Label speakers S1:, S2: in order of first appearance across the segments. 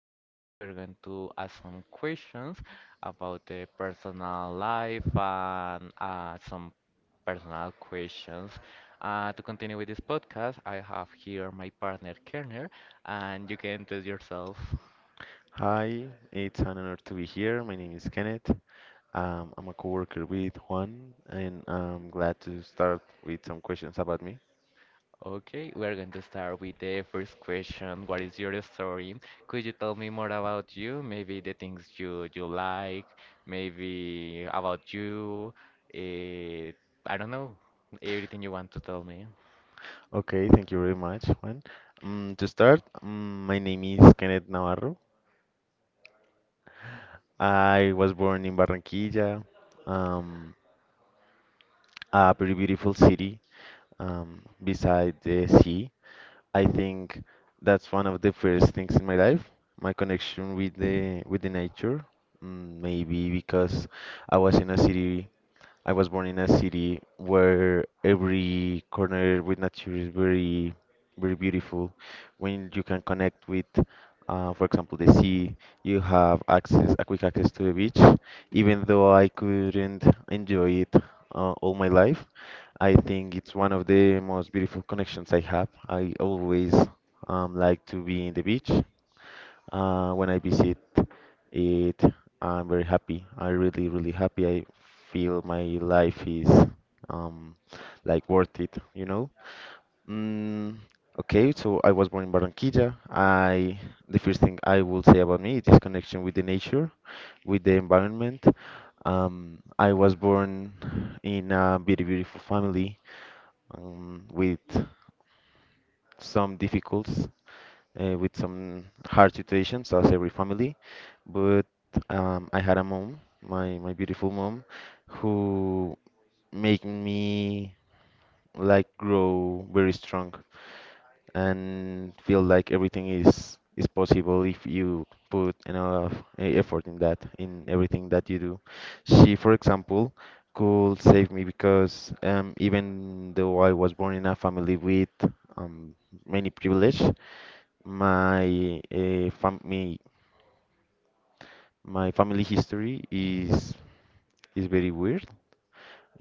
S1: podcast. We're going to ask some questions about the personal life and some personal questions. To continue with this podcast, I have here my partner Kerner, and you can introduce yourself.
S2: Hi, it's an honor to be here. My name is Kenneth. I'm a coworker with Juan, and I'm glad to start with some questions about me.
S1: Okay, we're going to start with the first question. What is your story? Could you tell me more about you? Maybe the things you like, maybe about you. Uh, I don't know, everything you want to tell me.
S2: Okay, thank you very much, Juan. To start, my name is Kenneth Navarro. I was born in Barranquilla, um, a very beautiful city beside the sea. I think that's one of the first things in my life, my connection with the nature. Maybe because I was in a city I was born in a city where every corner with nature is very, very beautiful. When you can connect with, for example, the sea, you have a quick access to the beach. Even though I couldn't enjoy it all my life, I think it's one of the most beautiful connections I have. I always like to be in the beach. When I visit it, I'm very happy. I'm really, really happy. I feel my life is um, like worth it. Mm, okay, so I was born in Barranquilla. I The first thing I will say about me is connection with the nature, with the environment. I was born in a very beautiful family with some difficulties with some hard situations, as every family. But I had a mom, my beautiful mom, who made me like grow very strong and feel like everything is possible if you put enough effort in that, in everything that you do. She, for example, could save me because even though I was born in a family with um, many privilege, my uh, fam my, my family history is very weird.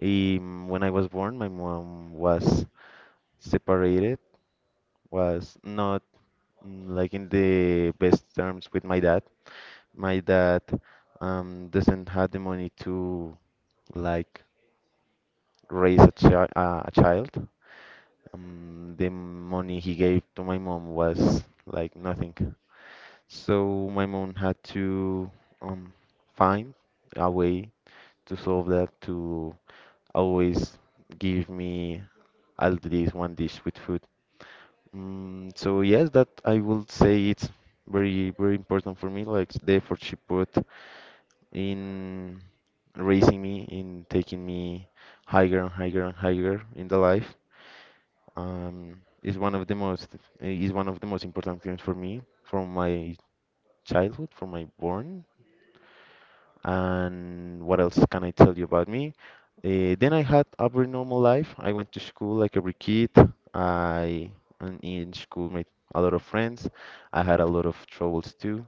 S2: When I was born, my mom was separated, was not like in the best terms with my dad. My dad doesn't have the money to like raise a, chi a child. The money he gave to my mom was like nothing. So my mom had to um, find a way to solve that to always give me at least one dish with food. So yes, that I would say it's very, very important for me. Like the effort she put in raising me, in taking me higher and higher and higher in the life, is one of the most is one of the most important things for me from my childhood, from my born. And what else can I tell you about me? Then I had a very normal life. I went to school like every kid. I And in school made a lot of friends. I had a lot of troubles too,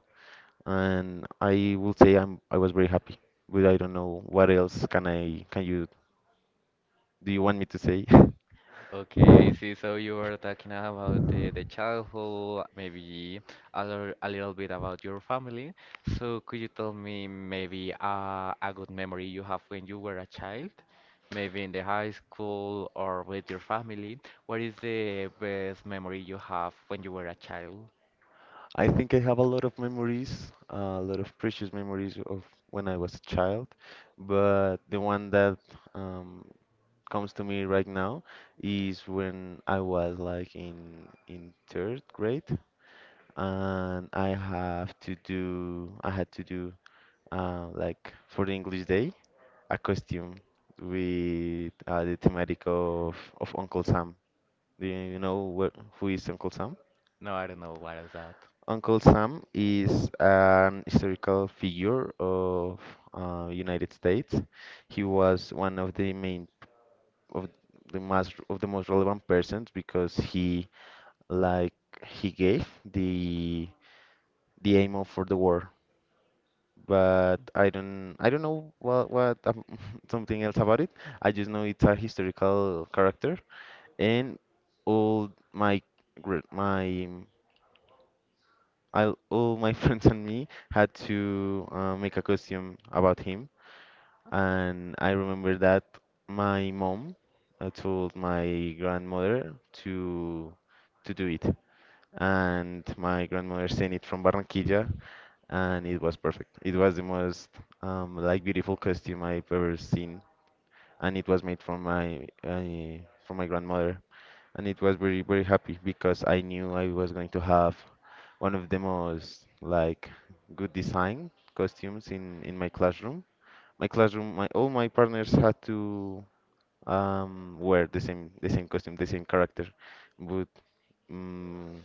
S2: and I will say I was very happy. But I don't know what else can you do you want me to say?
S1: Okay, I see. So you were talking about the childhood, maybe a little bit about your family. So could you tell me maybe a good memory you have when you were a child, maybe in the high school or with your family? What is the best memory you have when you were a child?
S2: I think I have a lot of memories, a lot of precious memories of when I was a child, but the one that um, comes to me right now is when I was like in third grade, and I had to do like for the English Day a costume with the thematic of Uncle Sam. Do you know where, who is Uncle Sam?
S1: No, I don't know what is that.
S2: Uncle Sam is an historical figure of United States. He was one of the main of the most relevant persons because he like he gave the aim of for the war. But I don't know what something else about it. I just know it's a historical character and all my gr- my I, all my friends and me had to make a costume about him, and I remember that my mom told my grandmother to to do it, and my grandmother sent it from Barranquilla, and it was perfect. It was the most like beautiful costume I've ever seen, and it was made from my grandmother and it was very very happy because I knew I was going to have one of the most like good design costumes in my classroom. My all my partners had to wear the same costume, the same character, but um,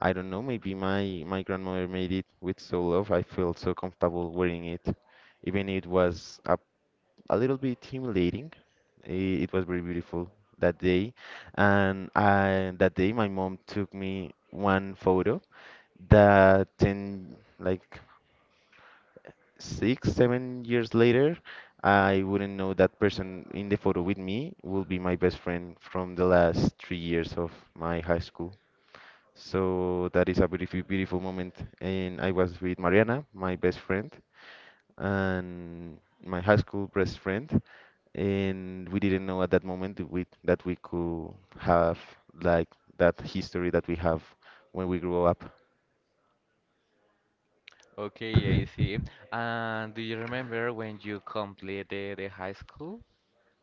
S2: I don't know. Maybe my grandmother made it with so love. I felt so comfortable wearing it, even it was a little bit intimidating. It was very beautiful that day, and I, that day my mom took me one photo that ten like 6, 7 years later I wouldn't know that person in the photo with me will be my best friend from the last 3 years of my high school. So that is a beautiful, beautiful moment, and I was with Mariana, my best friend and my high school best friend, and we didn't know at that moment that we could have like that history that we have when we grew up.
S1: Okay, I see. And do you remember when you completed the high school?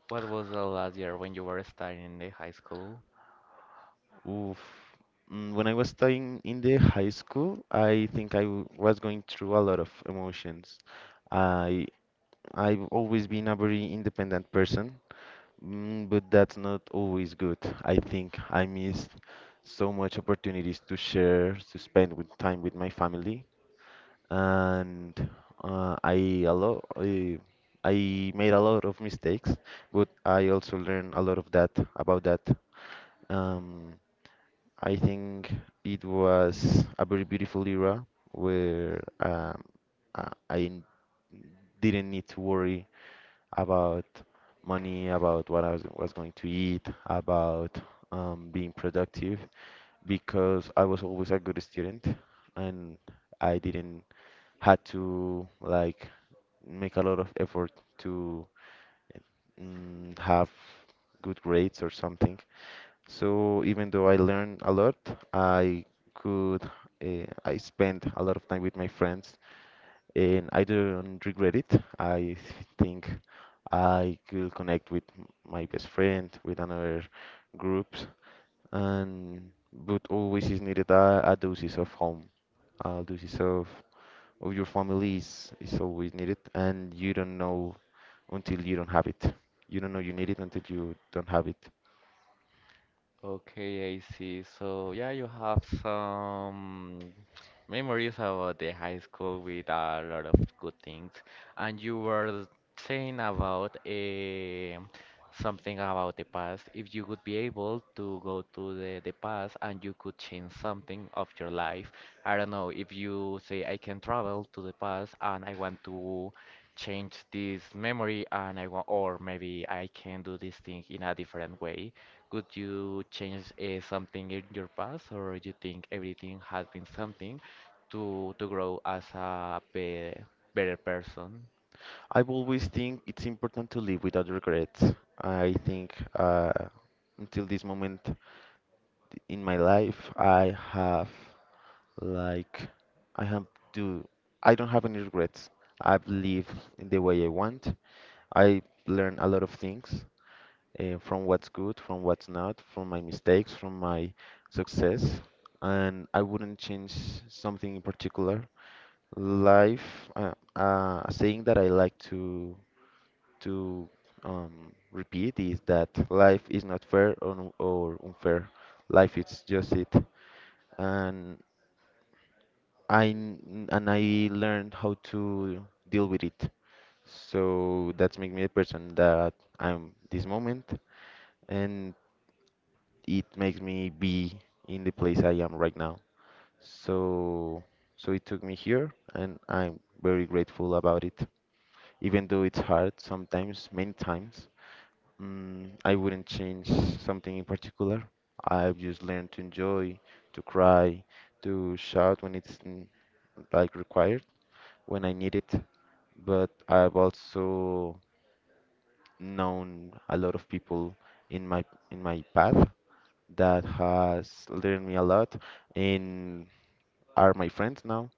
S1: What was the last year when you were studying in the high school?
S2: Oof. When I was studying in the high school, I think was going through a lot of emotions. I I've always been a very independent person. But that's not always good. I think I missed so much opportunities to share, to spend with time with my family, and uh, I a lot I, I made a lot of mistakes, but I also learned a lot of that about that. Um, I think it was a very beautiful era where I didn't need to worry about money, about was going to eat, about being productive because I was always a good student and I didn't had to like make a lot of effort to have good grades or something. So even though I learned a lot, I could I spent a lot of time with my friends and I don't regret it. I think I could connect with my best friend, with another groups, and but always is needed a doses of home, a doses of your family is always needed, and you don't know until you don't have it. You don't know you need it until you don't have it.
S1: Okay, I see. So yeah, you have some memories about the high school with a lot of good things. And you were saying about something about the past. If you would be able to go to the past and you could change something of your life. I don't know, if you say I can travel to the past and I want to change this memory and I want, or maybe I can do this thing in a different way. Could you change something in your past, or you think everything has been something to grow as a be better person?
S2: I always think it's important to live without regrets. I think until this moment. In my life I have like I have do I don't have any regrets. I've lived in the way I want. I learned a lot of things from what's good, from what's not, from my mistakes, from my success, and I wouldn't change something in particular. Life, a saying that I like to to repeat is that life is not fair or unfair. Life is just it and and I learned how to deal with it. So that's make me the person that I'm this moment, and it makes me be in the place I am right now. So it took me here, and I'm very grateful about it. Even though it's hard sometimes, many times, I wouldn't change something in particular. I've just learned to enjoy, to cry, to shout when it's like required when I need it, but I've also known a lot of people in my in my path that has learned me a lot and are my friends now.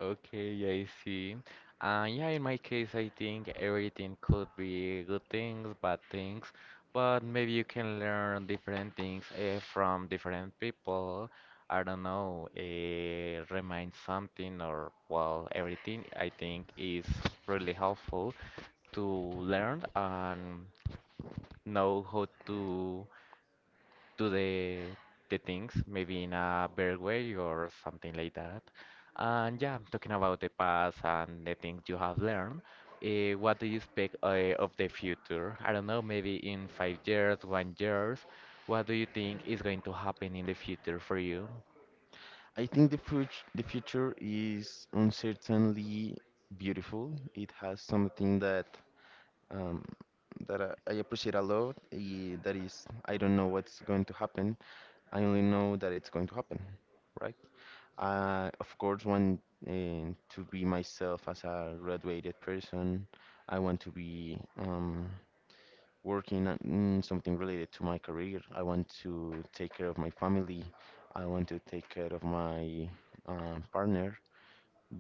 S1: Okay, yeah, I see. Yeah, in my case, I think everything could be good things, bad things, but maybe you can learn different things from different people. I don't know, remind something or, well, everything I think is really helpful to learn. And know how to do the things maybe in a better way or something like that. And yeah, talking about the past and the things you have learned, what do you expect of the future? I don't know, maybe in 5 years, 1 years, what do you think is going to happen in the future for you?
S2: I think the future is uncertainly beautiful. It has something that um, that I appreciate a lot. That is, I don't know what's going to happen. I only know that it's going to happen, right. I, of course, want to be myself as a graduated person. I want to be working on in something related to my career. I want to take care of my family. I want to take care of my partner.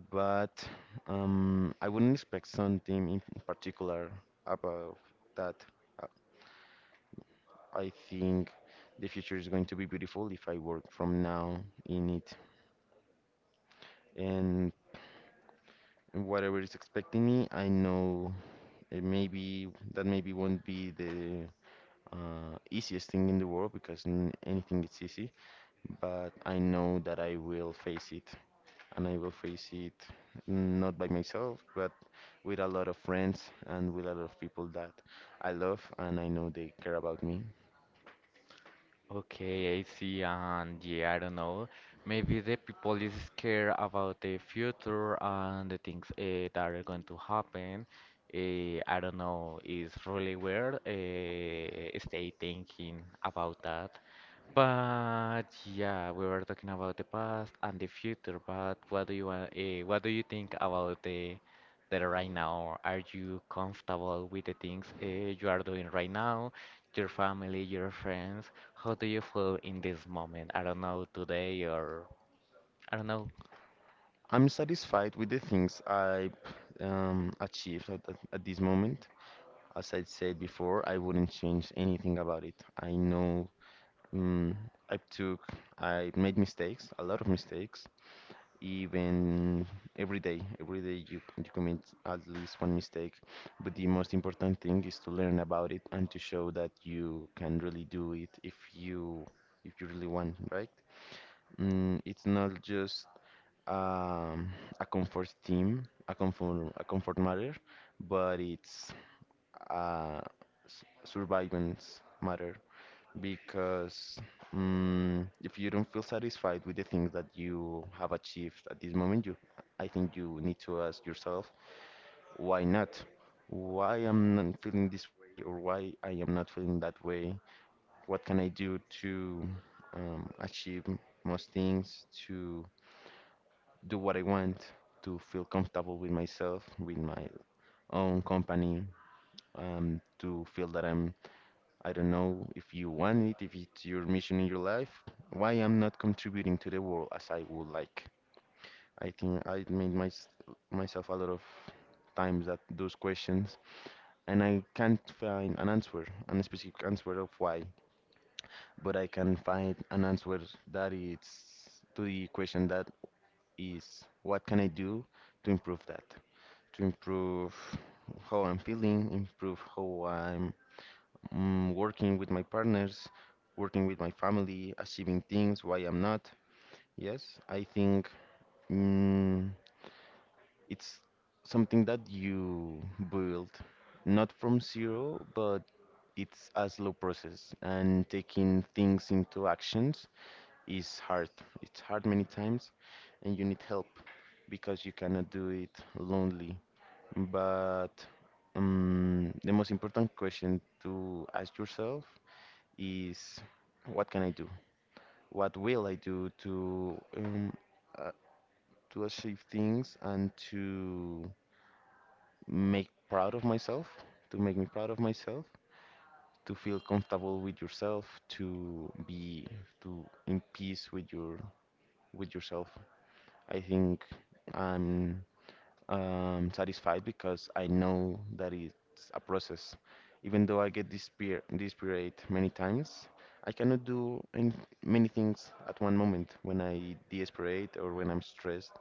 S2: But I wouldn't expect something in particular about that. Uh, I think the future is going to be beautiful if I work from now in it. And whatever is expecting me, I know it maybe that maybe won't be the easiest thing in the world because n anything is easy, but I know that I will face it, and I will face it not by myself, but with a lot of friends and with a lot of people that I love and I know they care about me.
S1: Okay, I see, and yeah, I don't know. Maybe the people is scared about the future and the things that are going to happen. I don't know, it's really weird. Stay thinking about that. But yeah, we were talking about the past and the future. But what do you want? What do you think about the right now? Are you comfortable with the things you are doing right now? Your family, your friends? How do you feel in this moment? I don't know, today or I don't know.
S2: I'm satisfied with the things I've achieved at this moment. As I said before, I wouldn't change anything about it. I know Mm, I took, I made mistakes, a lot of mistakes. Even every day you commit at least one mistake. But the most important thing is to learn about it and to show that you can really do it if you really want, right? It's not just um, a comfort team, a comfort matter, but it's uh, survivance matter because if you don't feel satisfied with the things that you have achieved at this moment, I think you need to ask yourself, why not? Why I'm not feeling this way, or why I am not feeling that way? What can I do to achieve most things, to do what I want, to feel comfortable with myself, with my own company, to feel that I don't know if you want it, if it's your mission in your life, why I'm not contributing to the world as I would like. I think I made myself a lot of times that those questions, and I can't find an answer, an specific answer of why, but I can find an answer that is to the question that is, what can I do to improve that? To improve how I'm feeling, improve how I'm working with my partners, working with my family, achieving things, why I'm not. Yes, I think mm, it's something that you build, not from zero, but it's a slow process. And taking things into actions is hard. It's hard many times, and you need help because you cannot do it lonely. But the most important question to ask yourself is, what can I do? What will I do uh, to achieve things and to make proud of myself, to make me proud of myself, to feel comfortable with yourself, to in peace with your with yourself. I think I'm satisfied because I know that it's a process. Even though I get despair, dispirited many times, I cannot do many things at one moment when I desperate or when I'm stressed.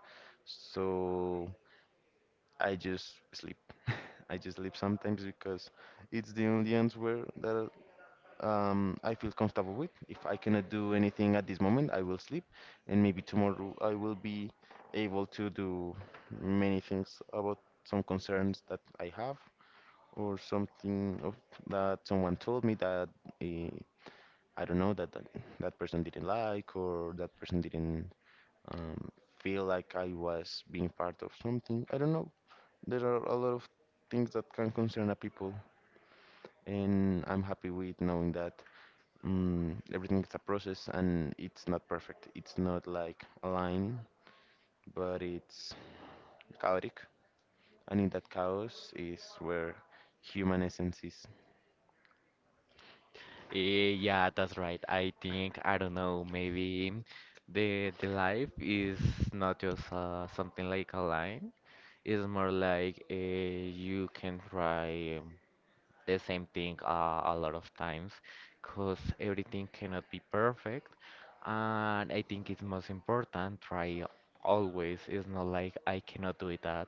S2: So I just sleep. I just sleep sometimes because it's the only answer that I feel comfortable with. If I cannot do anything at this moment, I will sleep, and maybe tomorrow I will be able to do many things about some concerns that I have or something of that someone told me that eh, I don't know that that person didn't like or that person didn't um, feel like I was being part of something. I don't know. There are a lot of things that can concern a people, and I'm happy with knowing that everything is a process and it's not perfect. It's not like a line, but it's chaotic. And in that chaos is where human essence is.
S1: Yeah, that's right. I think I don't know, maybe the life is not just something like a line. It's more like you can try the same thing a lot of times, because everything cannot be perfect. And I think it's most important try always. It's not like I cannot do it that.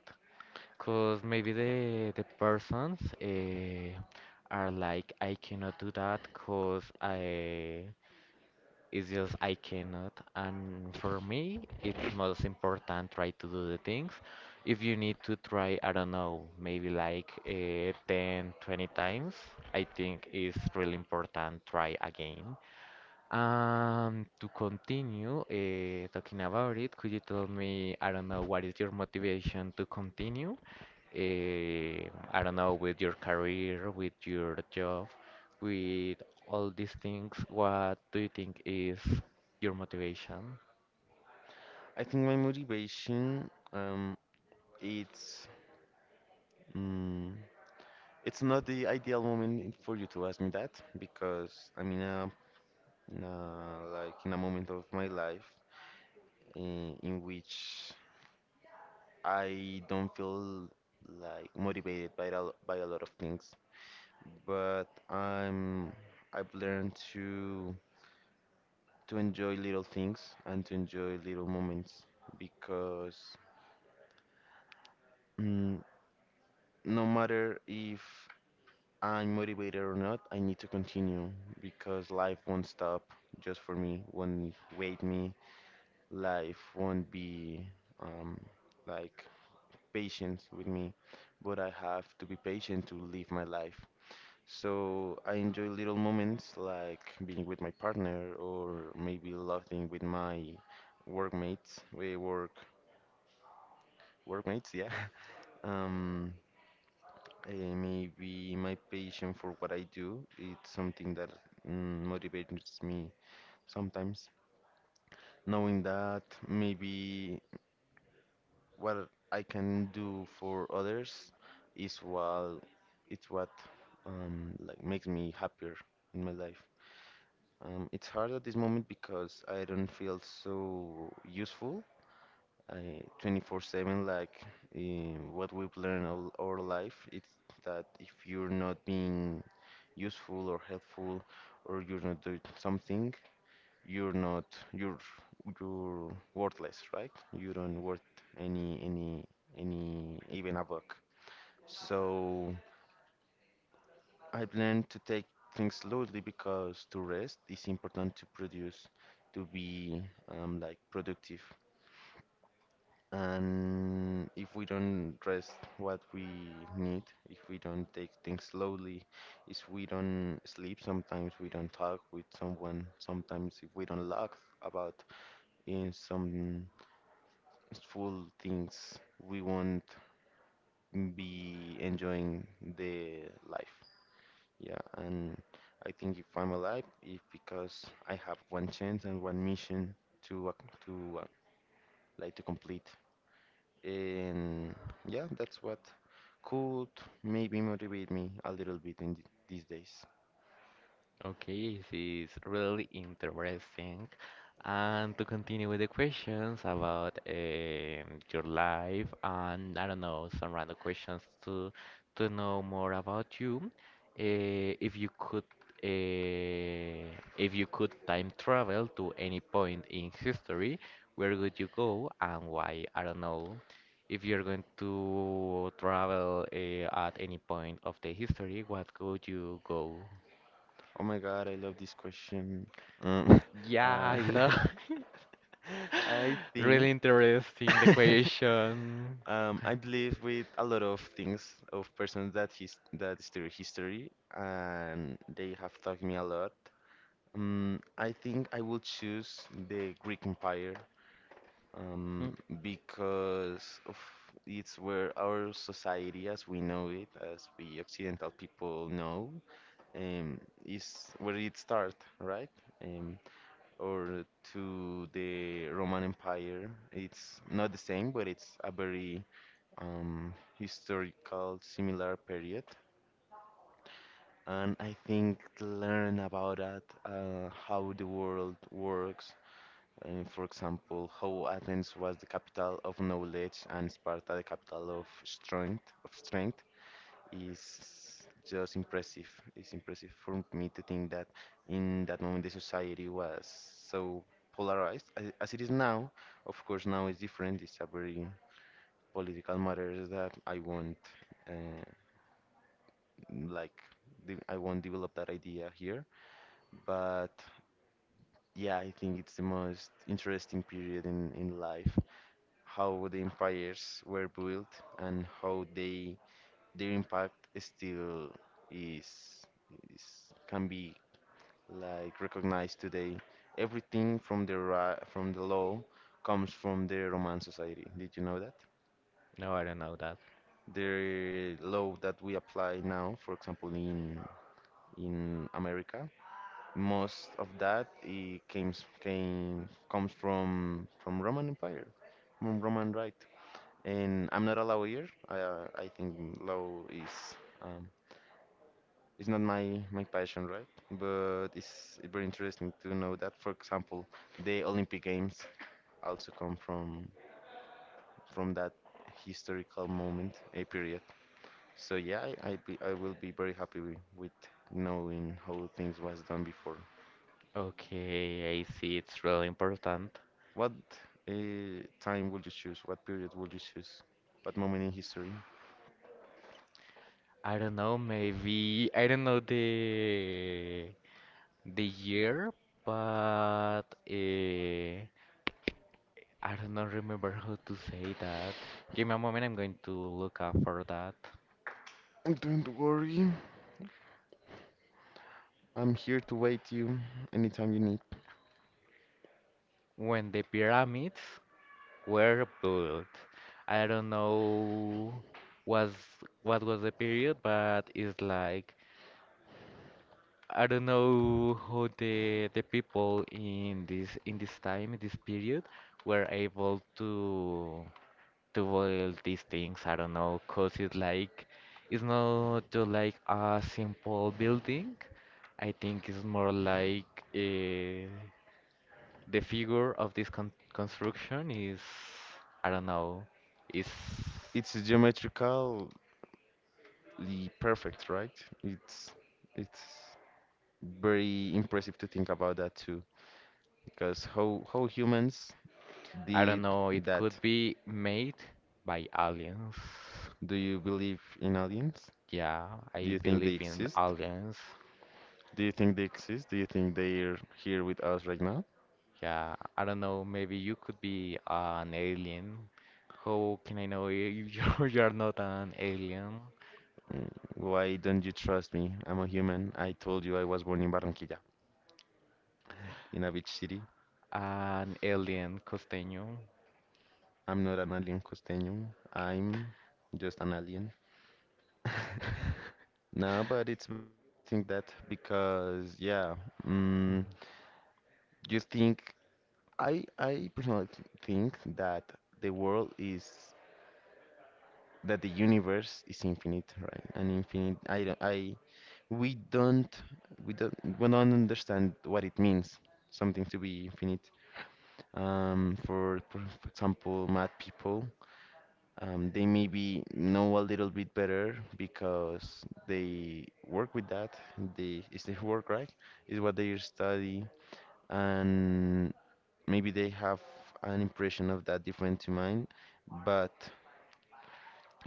S1: Cause maybe the persons are like, I cannot do that, cause I it's just I cannot. And for me, it's most important try to do the things. If you need to try, I don't know, maybe like 10, 20 times, I think it's really important try again. To continue talking about it, could you tell me, I don't know, what is your motivation to continue? I don't know, with your career, with your job, with all these things, what do you think is your motivation?
S2: I think my motivation, it's, mm, it's not the ideal moment for you to ask me that because I'm in a like, in a moment of my life in which I don't feel like motivated by a lot of things. But I've learned to enjoy little things and to enjoy little moments because mm, no matter if I'm motivated or not, I need to continue because life won't stop just for me, won't wait me, life won't be um, like patient with me, but I have to be patient to live my life. So I enjoy little moments like being with my partner or maybe laughing with my workmates, we work workmates, yeah. Um, Maybe my passion for what I do, it's something that motivates me sometimes, knowing that maybe what I can do for others is what it's what like makes me happier in my life. It's hard at this moment because I don't feel so useful. I 24/7 like what we've learned all our life. It's that if you're not being useful or helpful, or you're not doing something, you're not, you're you're worthless, right? You don't worth any any any even a buck. So. I've learned to take things slowly because to rest is important to produce, to be like productive. And if we don't rest what we need, if we don't take things slowly, if we don't sleep, sometimes we don't talk with someone, sometimes if we don't laugh about in some full things, we won't be enjoying the life. Yeah, and I think if I'm alive, if because I have one chance and one mission to like to complete. And yeah, that's what could maybe motivate me a little bit in th these days.
S1: Okay, this is really interesting. And to continue with the questions about your life and I don't know, some random questions to know more about you. If you could uh, if you could time travel to any point in history, where would you go and why? I don't know. If you're going to travel at any point of the history, what could you go?
S2: Oh my God, I love this question. Um,
S1: Yeah,
S2: uh,
S1: I love.
S2: I
S1: Really
S2: think
S1: interesting the question.
S2: I believe with a lot of things of persons that his that study history, and they have taught me a lot. I think I will choose the Greek Empire, um,
S1: Hmm,
S2: because of it's where our society, as we know it, as we Occidental people know, um, is where it started, right? Um, or to the Roman Empire, it's not the same, but it's a very historical, similar period. And I think learn about that, how the world works. For example, how Athens was the capital of knowledge and Sparta the capital of strength is just impressive. It's impressive for me to think that in that moment the society was so polarized as it is now. Of course, now it's different. It's a very political matter that uh, like. I won't develop that idea here, but yeah, I think it's the most interesting period in life, how the empires were built and how they their impact still is is can be, like, recognized today. Everything from the law comes from the Roman society. Did you know that?
S1: no, I don't know that.
S2: The law that we apply now, for example, in America, most of that it came came comes from Roman Empire, from Roman, right. And I'm not a lawyer. I think law is, um, it's not my passion, right? But it's very interesting to know that, for example, the Olympic Games also come from that historical moment, a period. So yeah, I will be very happy with knowing how things was done before.
S1: Okay, I see. It's really important.
S2: What time would you choose? What period would you choose? What moment in history?
S1: I don't know, maybe I don't know the year, but I don't know remember how to say that. Give me a moment, I'm going to look up for that.
S2: Don't worry, I'm here to wait you anytime you need.
S1: When the pyramids were built. I don't know was what was the period, but it's like I don't know how the people in this time, in this period, were able to build these things. I don't know because it's like it's not just like a simple building. I think it's more like uh, the figure of this construction is, I don't know, is,
S2: It's geometrically perfect, right? It's it's very impressive to think about that too, because how humans
S1: I don't
S2: did
S1: know, it
S2: that?
S1: could be made by aliens.
S2: Do you believe in aliens?
S1: Yeah,
S2: Do
S1: I
S2: you think they
S1: believe in
S2: exist?
S1: aliens.
S2: Do you think they exist? Do you think they're here with us right now?
S1: Yeah, I don't know, maybe you could be an alien. How can I know you you're not an alien?
S2: Why don't you trust me? I'm a human. I told you I was born in Barranquilla, in a beach city.
S1: An alien costeño.
S2: I'm not an alien costeño. I'm just an alien. No, but it's very funny to think that because yeah, mm, just think I personally th think that the world is that the universe is infinite, right? And infinite, I don't, I, we don't we don't we don't understand what it means something to be infinite. For example, mad people, they maybe know a little bit better because they work with that. They it's their work, right? Is what they study, and maybe they have an impression of that different to mine. But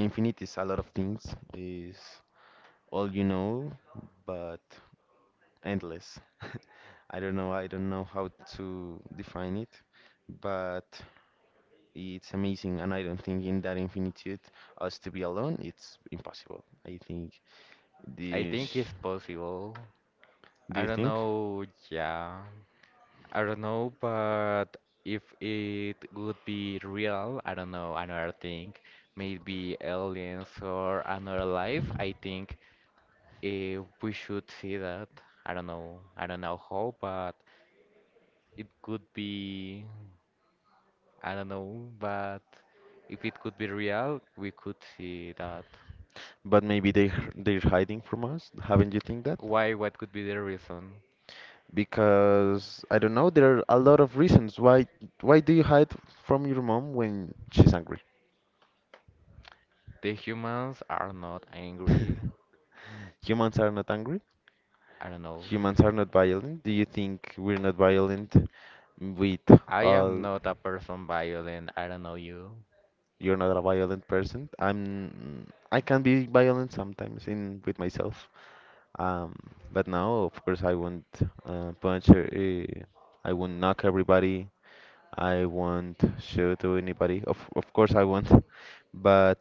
S2: infinite is a lot of things. Is all you know, but endless. I don't know. I don't know how to define it, but. It's amazing, and I don't think in that infinitude us to be alone, it's impossible. I think
S1: I think
S2: this.
S1: it's possible.
S2: Do
S1: I
S2: you
S1: don't
S2: think?
S1: know, yeah. I don't know, but if it would be real, I don't know, another thing, maybe aliens or another life, I think we should see that. I don't know how, but it could be, I don't know, but if it could be real, we could see that.
S2: But maybe they're hiding from us. Haven't you think that?
S1: Why? What could be the reason?
S2: Because I don't know. There are a lot of reasons why, do you hide from your mom when she's angry?
S1: The humans are not angry.
S2: Humans are not angry.
S1: I don't know.
S2: Humans are not violent. Do you think we're not violent with
S1: I am
S2: all?
S1: not a person violent. I don't know you.
S2: You're not a violent person. I'm. I can be violent sometimes in with myself. Um, but now, of course, I won't punch. I won't knock everybody. I won't shoot to anybody. Of course, I won't. But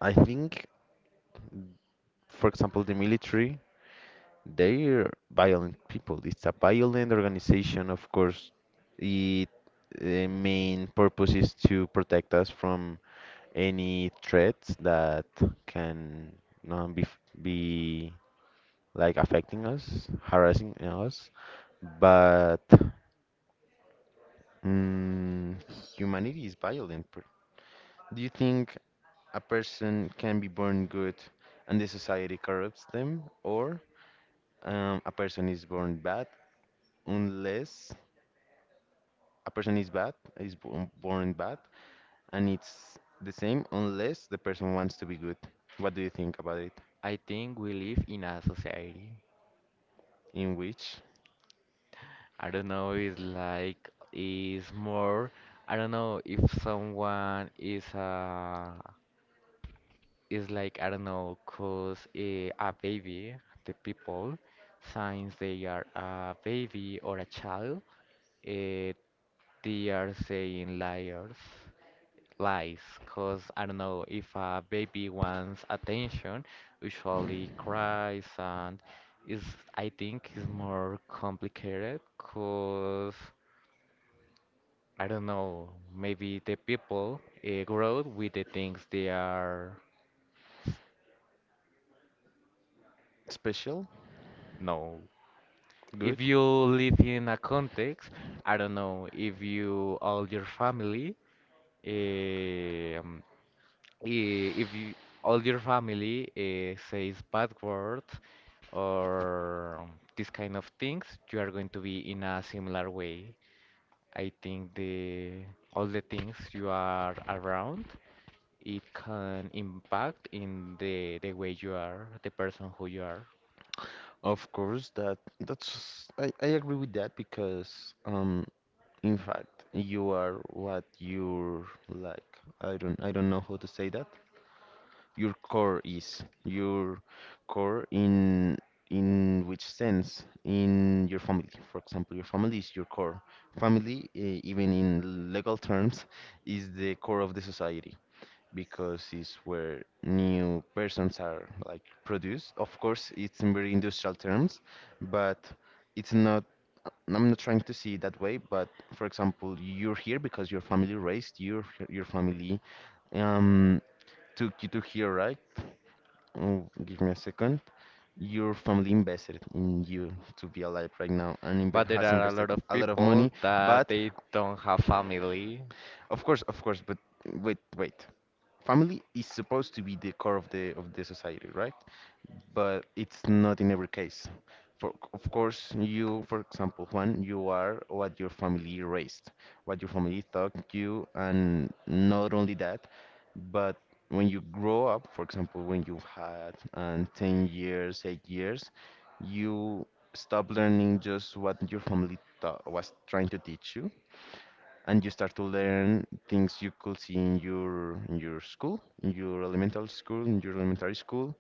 S2: I think, for example, the military, they're violent people. It's a violent organization, of course. It The main purpose is to protect us from any threats that can be, like, affecting us, harassing us, but mm, humanity is violent. Do you think a person can be born good and the society corrupts them, or a person is born bad, unless a person is bad, born bad, and it's the same unless the person wants to be good? What do you think about it?
S1: I think we live in a society.
S2: In which
S1: I don't know, it's like, is more, I don't know if someone is like, I don't know, cause a baby, the people, since they are a baby or a child, eh, they are saying liars. Lies because I don't know if a baby wants attention, usually cries and is I think is more complicated because I don't know maybe the people grow with the things they are
S2: special
S1: no.
S2: good?
S1: If you live in a context, I don't know if you all your family. um, if you, all your family says bad word or this kind of things, you are going to be in a similar way. I think the all the things you are around, it can impact in the way you are, the person who you are.
S2: Of course, that's I agree with that, because in fact you are what your like, I don't know how to say that, your core is your core in which sense, in your family, for example, your family is your core family, even in legal terms, is the core of the society because it's where new persons are like produced. Of course, it's in very industrial terms, but it's not. I'm not trying to see it that way. But for example, you're here because your family raised your family um took you to here, right? Oh, give me a second. Your family invested in you to be alive right now, and inve
S1: But there
S2: has
S1: are a
S2: invested
S1: lot of
S2: a lot of
S1: people
S2: money.
S1: that
S2: But
S1: they don't have family.
S2: of course, but wait, wait. Family is supposed to be the core of the society, right? But it's not in every case. For, of course, you, for example, Juan, you are what your family raised, what your family taught you, and not only that, but when you grow up, for example, when you had 10 years, 8 years, you stop learning just what your family taught, was trying to teach you, and you start to learn things you could see in your school, in your elementary school,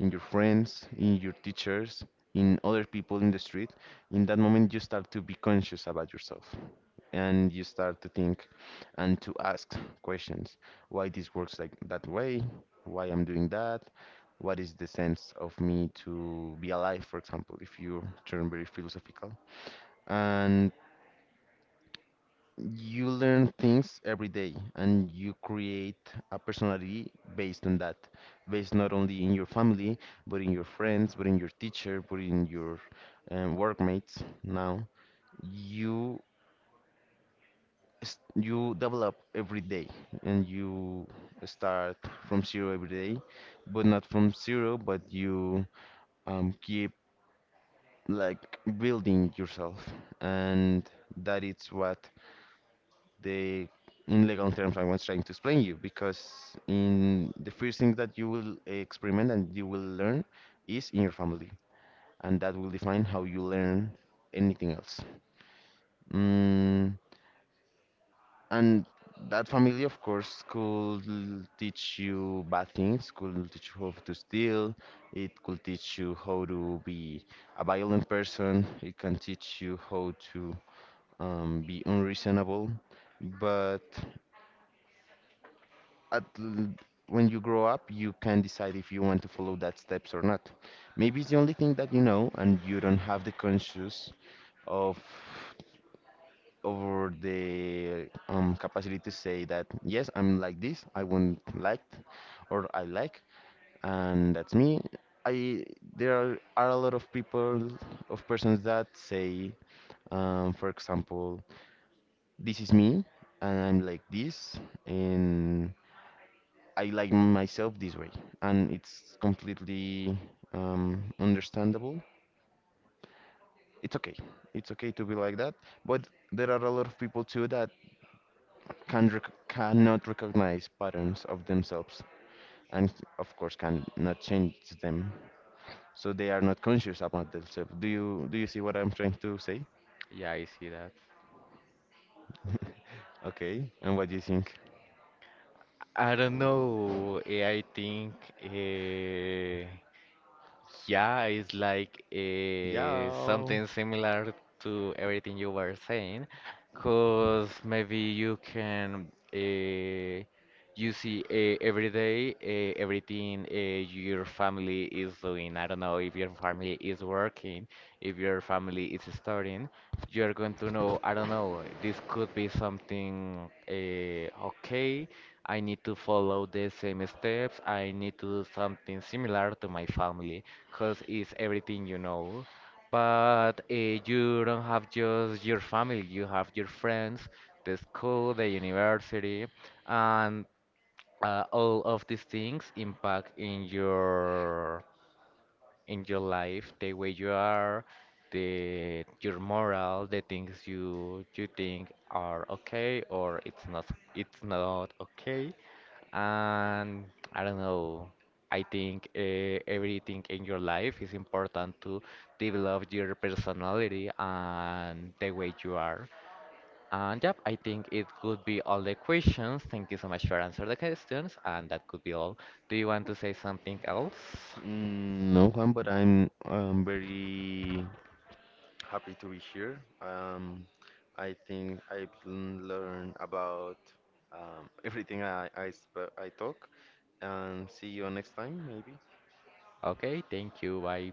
S2: in your friends, in your teachers, in other people in the street. In that moment, you start to be conscious about yourself, and you start to think and to ask questions: Why this works like that way? Why I'm doing that? What is the sense of me to be alive, for example, if you turn very philosophical? And you learn things every day and you create a personality based on that, based not only in your family, but in your friends, but in your teacher, but in your workmates. Now you you develop every day and you start from zero every day, but not from zero, but you keep like building yourself, and that is what the, in legal terms, I was trying to explain you, because in the first thing that you will experiment and you will learn is in your family, and that will define how you learn anything else. Mm, and that family, of course, teach you bad things, could teach you how to steal, it could teach you how to be a violent person, it can teach you how to be unreasonable. But at l- when you grow up, you can decide if you want to follow that steps or not. Maybe it's the only thing that you know, and you don't have the conscious of over the capacity to say that yes, I'm like this, I want like, or I like, and that's me. I There are, a lot of people of persons that say, for example, this is me, and I'm like this, and I like myself this way, and it's completely understandable. It's okay. It's okay to be like that, but there are a lot of people too that cannot recognize patterns of themselves, and of course cannot change them. So they are not conscious about themselves. Do you see what I'm trying to say?
S1: Yeah, I see that.
S2: Okay, and what do you think?
S1: I don't know. I think. Uh, Yeah, it's like
S2: Yeah.
S1: something similar to everything you were saying, because maybe you can you see every day everything your family is doing. I don't know if your family is working, if your family is studying. You're going to know, I don't know, this could be something okay. I need to follow the same steps. I need to do something similar to my family because it's everything you know. But you don't have just your family, you have your friends, the school, the university, and all of these things impact in your life, the way you are, the your moral, the things you think are okay or it's not okay. And I don't know, I think everything in your life is important to develop your personality and the way you are. And yep, I think it could be all the questions. Thank you so much for answering the questions, and that could be all. Do you want to say something else?
S2: No, Juan, but I'm very happy to be here. I think I've learned about everything I talk. And see you next time, maybe.
S1: Okay, thank you. Bye.